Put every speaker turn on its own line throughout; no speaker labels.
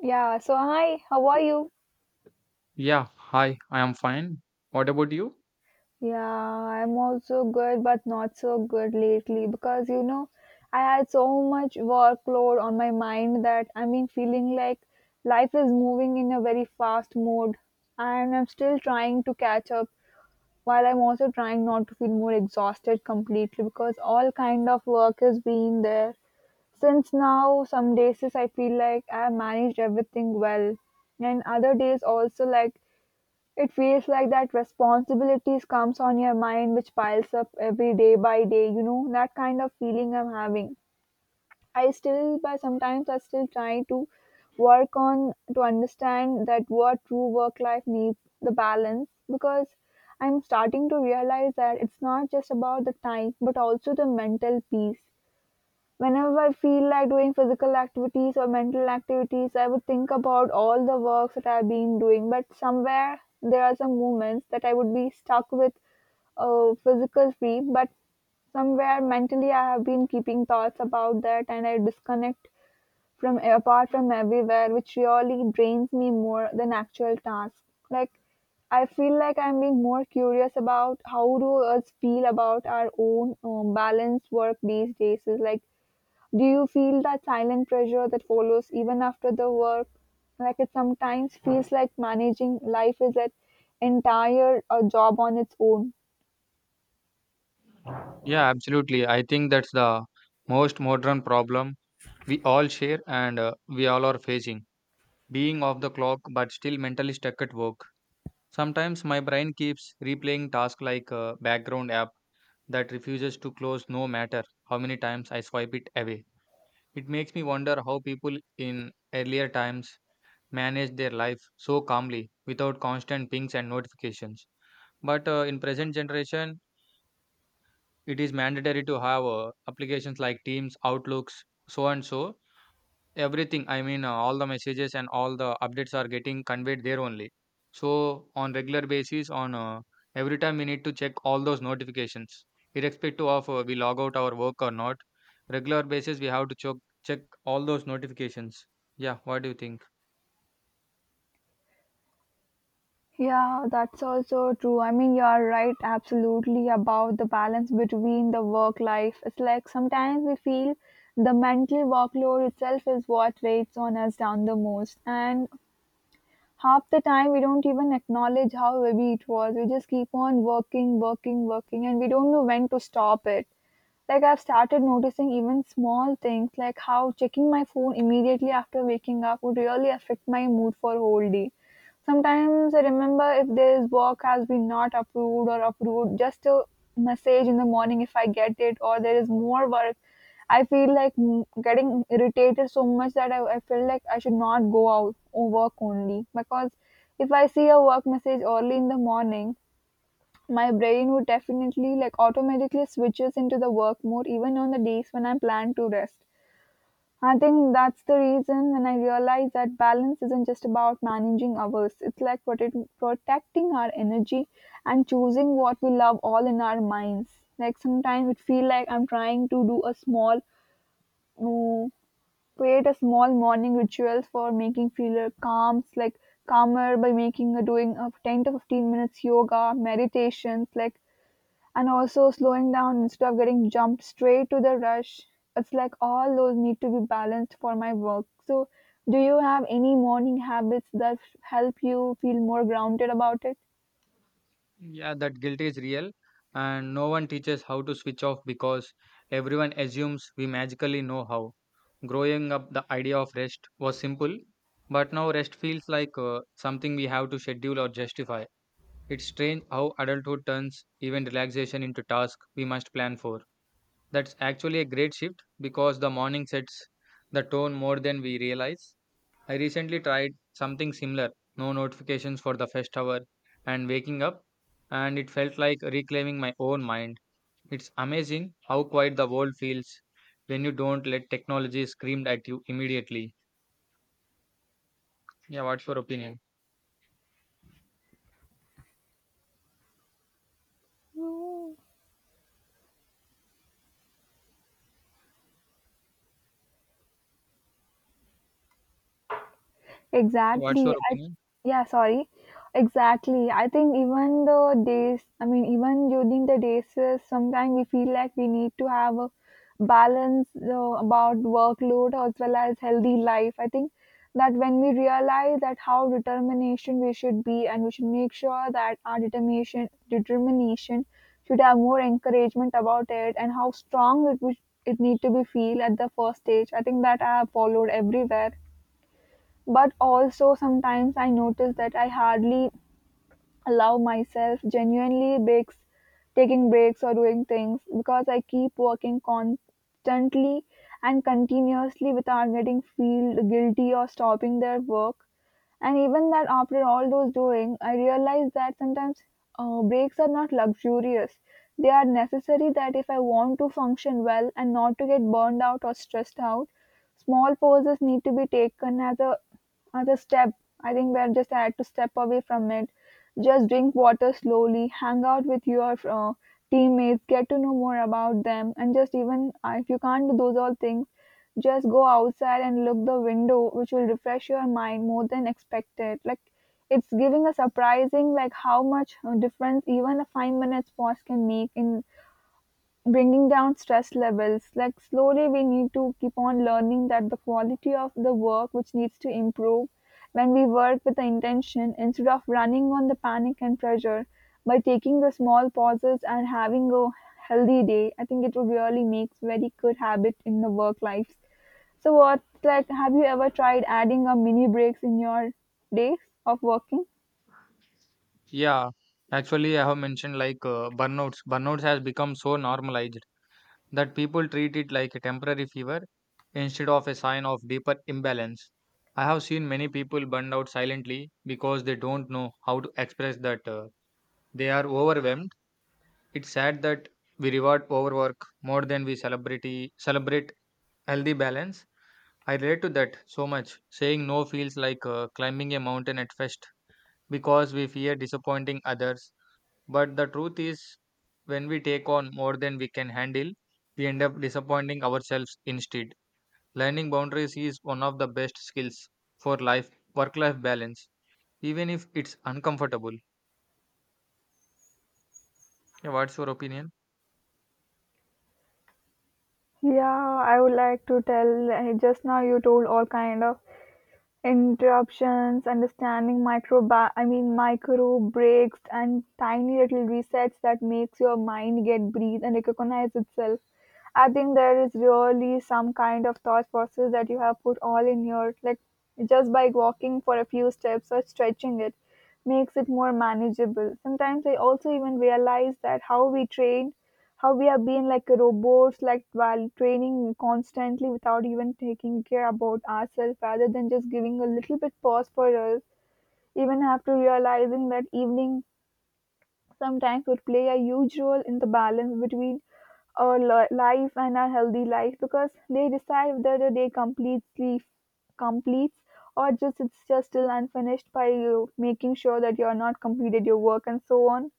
Yeah, so hi, how are you?
Yeah, hi, I am fine. What about you?
Yeah, I'm also good, but not so good lately because I had so much workload on my mind that, I mean, feeling like life is moving in a very fast mode, and I'm still trying to catch up while I'm also trying not to feel more exhausted completely because all kind of work has been there. Since now, some days is I feel like I managed everything well, and other days also like it feels like that responsibilities comes on your mind which piles up every day by day, that kind of feeling I'm having. I still But sometimes I still try to work on to understand that what true work life needs the balance because I'm starting to realize that it's not just about the time but also the mental peace. Whenever I feel like doing physical activities or mental activities, I would think about all the works that I've been doing. But somewhere there are some moments that I would be stuck with physical free, but somewhere mentally I have been keeping thoughts about that and I disconnect from apart from everywhere, which really drains me more than actual tasks. Like, I feel like I'm being more curious about how do us feel about our own balanced work these days. Is like do you feel that silent pressure that follows even after the work? Like it sometimes feels like managing life is an entire job on its own.
Yeah, absolutely. I think that's the most modern problem we all share and we all are facing. Being off the clock but still mentally stuck at work. Sometimes my brain keeps replaying tasks like a background app that refuses to close no matter how many times I swipe it away. It makes me wonder how people in earlier times managed their life so calmly without constant pings and notifications. But in present generation, it is mandatory to have applications like Teams, Outlooks, so and so. Everything, all the messages and all the updates are getting conveyed there only. So on regular basis, on every time we need to check all those notifications, irrespective of we log out our work or not. Regular basis, we have to check all those notifications. Yeah, what do you think?
Yeah, that's also true. I mean, you are right, absolutely, about the balance between the work life. It's like sometimes we feel the mental workload itself is what weighs on us down the most. And half the time, we don't even acknowledge how heavy it was. We just keep on working, working, working, and we don't know when to stop it. Like, I've started noticing even small things like how checking my phone immediately after waking up would really affect my mood for a whole day. Sometimes I remember if this work has been not approved or approved, just a message in the morning if I get it or there is more work. I feel like getting irritated so much that I feel like I should not go out or work only because if I see a work message early in the morning, my brain would definitely like automatically switches into the work mode even on the days when I plan to rest. I think that's the reason when I realized that balance isn't just about managing hours. It's like protecting our energy and choosing what we love all in our minds. Like sometimes it feel like I'm trying to do mm, create a small morning rituals for making feel calms, like calmer by making a doing of 10 to 15 minutes yoga, meditations, like and also slowing down instead of getting jumped straight to the rush. It's like all those need to be balanced for my work. So, do you have any morning habits that help you feel more grounded about it?
Yeah, that guilt is real, and no one teaches how to switch off because everyone assumes we magically know how. Growing up, the idea of rest was simple, but now rest feels like something we have to schedule or justify. It's strange how adulthood turns even relaxation into task we must plan for. That's actually a great shift because the morning sets the tone more than we realize. I recently tried something similar, no notifications for the first hour and waking up, and it felt like reclaiming my own mind. It's amazing how quiet the world feels when you don't let technology scream at you immediately. Yeah, what's your opinion? What's
Exactly.
your opinion?
Yeah, sorry. Exactly. I think even the days, I mean, even during the days, sometimes we feel like we need to have a balance about workload as well as healthy life. I think that when we realize that how determination we should be, and we should make sure that our determination should have more encouragement about it, and how strong it need to be feel at the first stage. I think that I have followed everywhere but also sometimes I notice that I hardly allow myself genuinely breaks taking breaks or doing things because I keep working constantly and continuously without getting feel guilty or stopping their work. And even that after all those doing, I realize that sometimes breaks are not luxurious. They are necessary that if I want to function well and not to get burned out or stressed out, small pauses need to be taken as a other step. I think we're just had to step away from it. Just drink water slowly, hang out with your teammates, get to know more about them, and just even if you can't do those all things, just go outside and look the window, which will refresh your mind more than expected. Like, it's giving a surprising like how much difference even a 5 minutes pause can make in bringing down stress levels. Like, slowly we need to keep on learning that the quality of the work which needs to improve when we work with the intention instead of running on the panic and pressure by taking the small pauses and having a healthy day. I think it would really makes very good habit in the work life. So what, like, have you ever tried adding a mini breaks in your days of working?
Yeah, actually, I have mentioned like burnouts. Burnouts has become so normalized, that people treat it like a temporary fever instead of a sign of deeper imbalance. I have seen many people burned out silently because they don't know how to express that they are overwhelmed. It's sad that we reward overwork more than we celebrate healthy balance. I relate to that so much. Saying no feels like climbing a mountain at first because we fear disappointing others, but the truth is, when we take on more than we can handle, we end up disappointing ourselves instead. Learning boundaries is one of the best skills for life, work life balance, even if it's uncomfortable. Yeah, what's your opinion?
Yeah, I would like to tell uh, just now you told all kind of interruptions, understanding microbi I mean micro breaks and tiny little resets that makes your mind get breathe and recognize itself. I think there is really some kind of thought process that you have put all in your like just by walking for a few steps or stretching it makes it more manageable. Sometimes I also even realize that how we have been like robots, like while training constantly without even taking care about ourselves, rather than just giving a little bit pause for us. Even after realizing that evening sometimes would play a huge role in the balance between our life and our healthy life because they decide whether the day completely completes or just it's just still unfinished by you making sure that you are not completed your work and so on.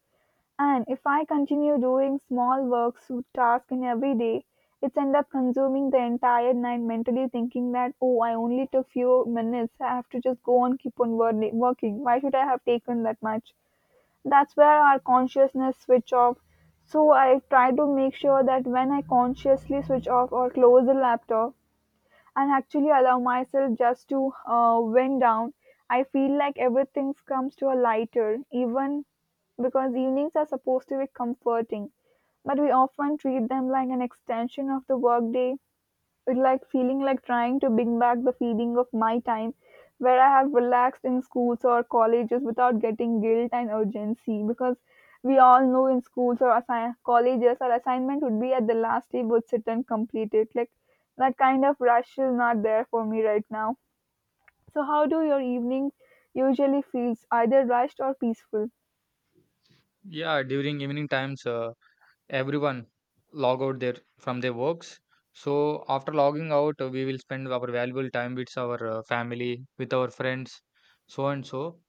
And if I continue doing small works task in every day, it's end up consuming the entire night mentally thinking that oh, I only took few minutes. I have to just go on keep on working. Why should I have taken that much? That's where our consciousness switch off. So I try to make sure that when I consciously switch off or close the laptop and actually allow myself just to wind down, I feel like everything comes to a lighter. Even because evenings are supposed to be comforting, but we often treat them like an extension of the workday. It's like feeling like trying to bring back the feeling of my time where I have relaxed in schools or colleges without getting guilt and urgency because we all know in schools or colleges our assignment would be at the last day would sit and complete it. Like that kind of rush is not there for me right now. So how do your evening usually feels, either rushed or peaceful?
Yeah, during evening times, everyone log out their from their works. So after logging out, we will spend our valuable time with our family, with our friends, so and so.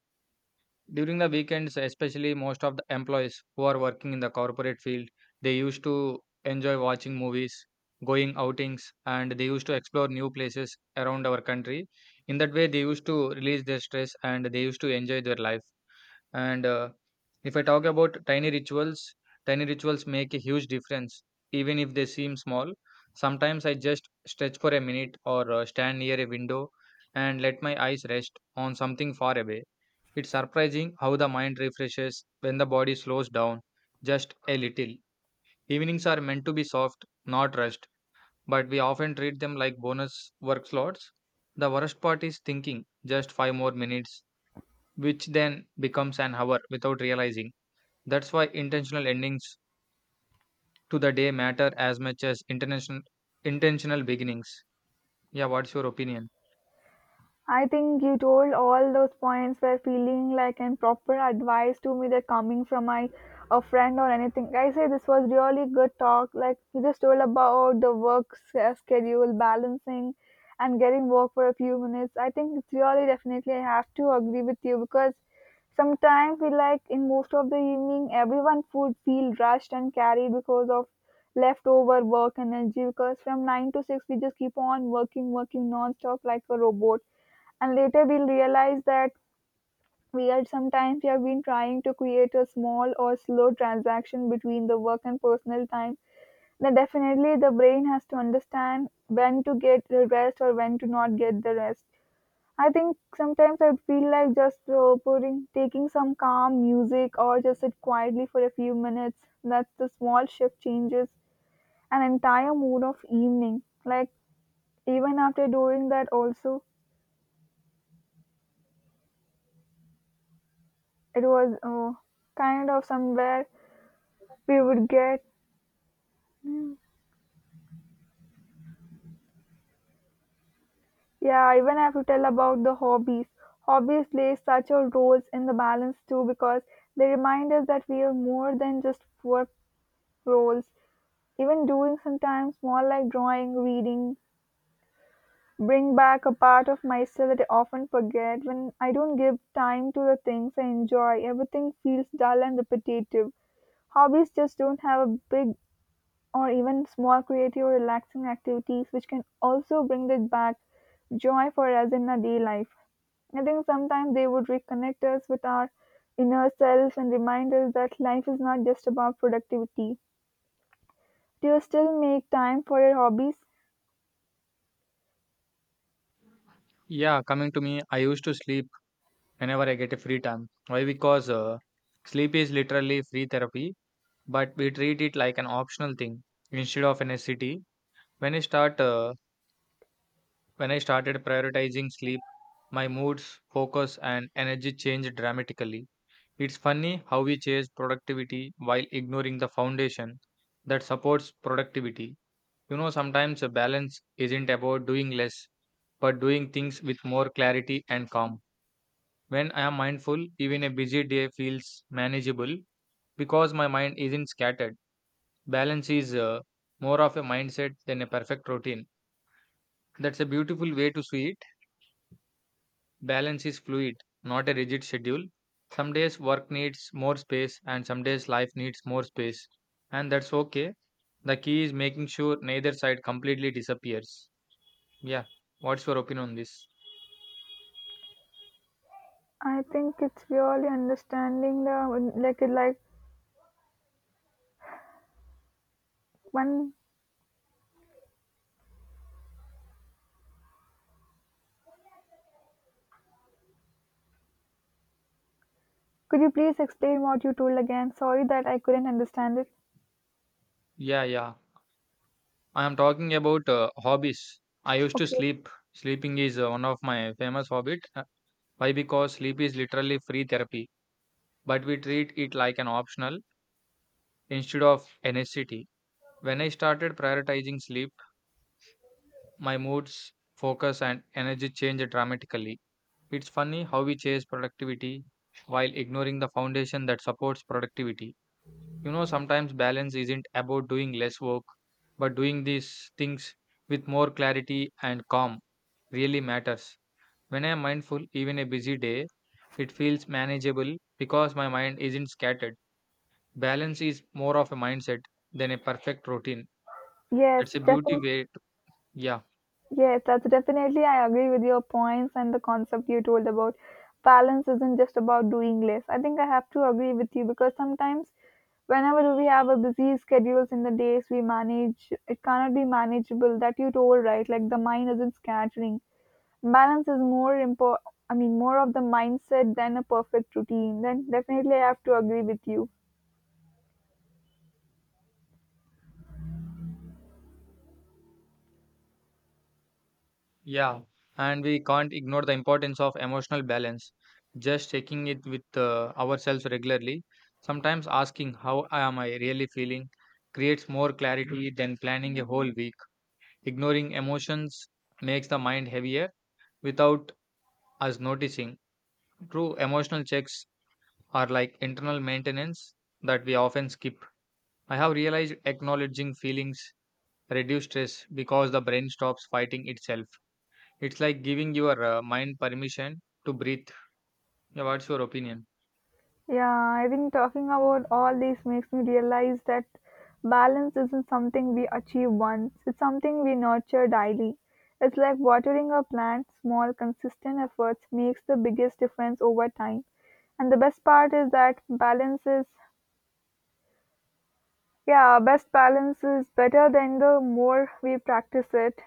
During the weekends, especially most of the employees who are working in the corporate field, they used to enjoy watching movies, going outings, and they used to explore new places around our country. In that way, they used to release their stress and they used to enjoy their life. And if I talk about tiny rituals make a huge difference, even if they seem small. Sometimes I just stretch for a minute or stand near a window and let my eyes rest on something far away. It's surprising how the mind refreshes when the body slows down just a little. Evenings are meant to be soft, not rushed, but we often treat them like bonus work slots. The worst part is thinking just five more minutes, which then becomes an hour without realizing. That's why intentional endings to the day matter as much as intentional beginnings. Yeah, what's your opinion?
I think you told all those points were feeling like an proper advice to me that coming from my a friend or anything. I say this was really good talk. Like you just told about the work schedule balancing and getting work for a few minutes. I think it's really definitely I have to agree with you because sometimes, we like in most of the evening, everyone would feel rushed and carried because of leftover work energy. Because from 9 to 6, we just keep on working, working non-stop like a robot. And later, we'll realize that we are sometimes we have been trying to create a small or slow transaction between the work and personal time. Then definitely, the brain has to understand when to get the rest or when to not get the rest. I think sometimes I feel like just taking some calm music or just sit quietly for a few minutes. That's the small shift changes an entire mood of evening. Like even after doing that, also it was kind of somewhere we would get. Yeah, even I have to tell about the hobbies. Hobbies play such a roles in the balance too because they remind us that we are more than just work roles. Even doing sometimes more like drawing, reading, bring back a part of myself that I often forget. When I don't give time to the things I enjoy, everything feels dull and repetitive. Hobbies just don't have a big or even small creative or relaxing activities which can also bring that back joy for us in our day life. I think sometimes they would reconnect us with our inner self and remind us that life is not just about productivity. Do you still make time for your hobbies?
Yeah, coming to me, I used to sleep whenever I get a free time. Why? Because sleep is literally free therapy, but we treat it like an optional thing instead of a necessity. When I start, uh, when I started prioritizing sleep, my moods, focus, and energy changed dramatically. It's funny how we chase productivity while ignoring the foundation that supports productivity. You know, sometimes a balance isn't about doing less, but doing things with more clarity and calm. When I am mindful, even a busy day feels manageable because my mind isn't scattered. Balance is more of a mindset than a perfect routine. That's a beautiful way to see it. Balance is fluid, not a rigid schedule. Some days work needs more space, and some days life needs more space. And that's okay. The key is making sure neither side completely disappears. Yeah. What's your opinion on this?
I think it's really understanding the like One, could you please explain what you told again? Sorry that I couldn't understand it.
Yeah, yeah. I am talking about hobbies. I used to
Okay.
sleep. Sleeping is one of my famous hobbies. Why? Because sleep is literally free therapy, but we treat it like an optional instead of a necessity. When I started prioritizing sleep, my moods, focus, and energy changed dramatically. It's funny how we chase productivity while ignoring the foundation that supports productivity. You know, sometimes balance isn't about doing less work, but doing these things with more clarity and calm. Really matters. When I am mindful, even a busy day, it feels manageable because my mind isn't scattered. Balance is more of a mindset than a perfect routine.
Yes,
That's a beauty
definitely.
way. To, yeah,
Yes, that's definitely. I agree with your points and the concept you told about balance isn't just about doing less. I think I have to agree with you because sometimes whenever we have a busy schedules in the days we manage, it cannot be manageable. That you told right, like the mind isn't scattering. Balance is more important. I mean, more of the mindset than a perfect routine. Then definitely, I have to agree with you.
yeah. And we can't ignore the importance of emotional balance. Just checking it with ourselves regularly, sometimes asking, "How am I really feeling?" creates more clarity than planning a whole week. Ignoring emotions makes the mind heavier without us noticing. True emotional checks are like internal maintenance that we often skip. I have realized acknowledging feelings reduce stress because the brain stops fighting itself. It's like giving your mind permission to breathe. Yeah, what's your opinion?
Yeah, I think talking about all these makes me realize that balance isn't something we achieve once, it's something we nurture daily. It's like watering a plant, small, consistent efforts makes the biggest difference over time. And the best part is that yeah, best balance is better than the more we practice it.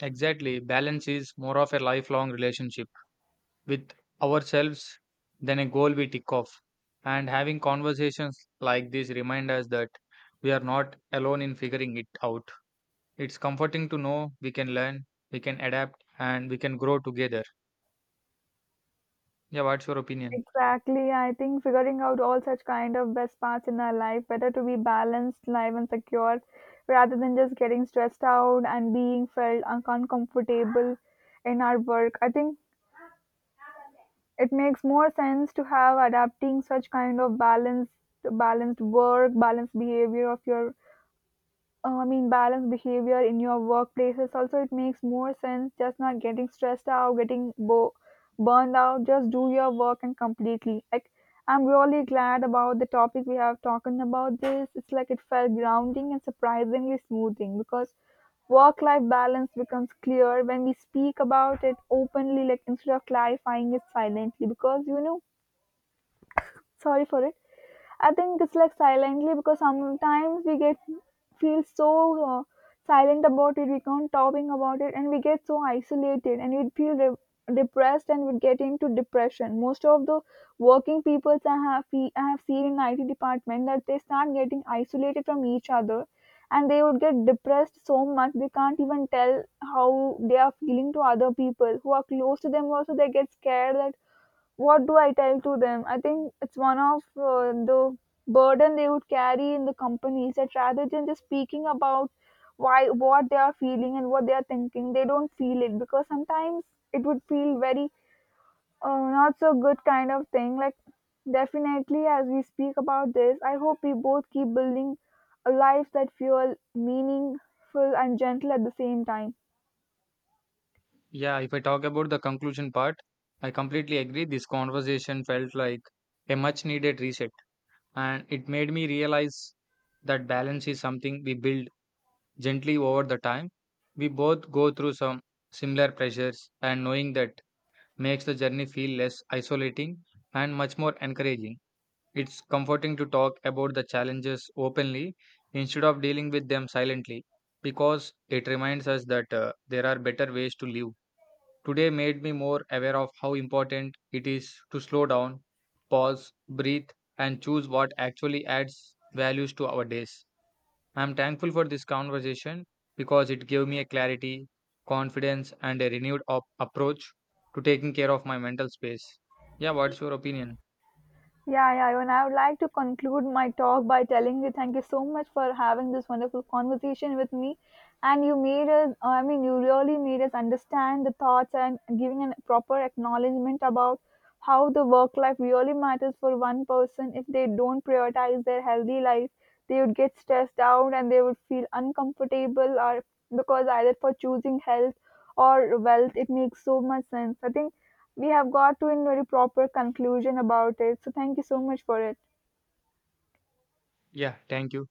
Exactly. Balance is more of a lifelong relationship with ourselves than a goal we tick off. And having conversations like this remind us that we are not alone in figuring it out. It's comforting to know we can learn, we can adapt, and we can grow together. Yeah, what's your opinion?
Exactly. I think figuring out all such kind of best parts in our life, better to be balanced, live and secure, rather than just getting stressed out and being felt uncomfortable in our work. I think it makes more sense to have adapting such kind of balanced work, balanced behavior in your workplaces. Also, it makes more sense just not getting stressed out, getting burned out. Just do your work and completely. Like, I'm really glad about the topic we have talking about this. It's like it felt grounding and surprisingly smoothing because work life balance becomes clear when we speak about it openly, like instead of clarifying it silently. Because, sorry for it, I think it's like silently because sometimes we get feel so uh, silent about it. We can't talking about it, and we get so isolated, and we feel depressed, and we get into depression. Most of the working peoples I have seen in IT department that they start getting isolated from each other, and they would get depressed so much they can't even tell how they are feeling to other people who are close to them. Also, they get scared that what do I tell to them? I think it's one of the burden they would carry in the companies that rather than just speaking about why what they are feeling and what they are thinking, they don't feel it because sometimes it would feel very not so good kind of thing. Like definitely, as we speak about this, I hope we both keep building a life that feel meaningful and gentle at the same time.
Yeah, if I talk about the conclusion part, I completely agree. This conversation felt like a much needed reset, and it made me realize that balance is something we build gently over the time. We both go through some similar pressures, and knowing that makes the journey feel less isolating and much more encouraging. It's comforting to talk about the challenges openly instead of dealing with them silently because it reminds us that there are better ways to live. Today made me more aware of how important it is to slow down, pause, breathe, and choose what actually adds values to our days. I'm thankful for this conversation because it gave me a clarity, confidence, and a renewed approach to taking care of my mental space. Yeah, what's your opinion?
Yeah, yeah, and I would like to conclude my talk by telling you thank you so much for having this wonderful conversation with me. And I mean, you really made us understand the thoughts and giving a proper acknowledgement about how the work life really matters for one person. If they don't prioritize their healthy life, they would get stressed out and they would feel uncomfortable or because either for choosing health or wealth, it makes so much sense. I think we have got to a very proper conclusion about it. So thank you so much for it.
Yeah, thank you.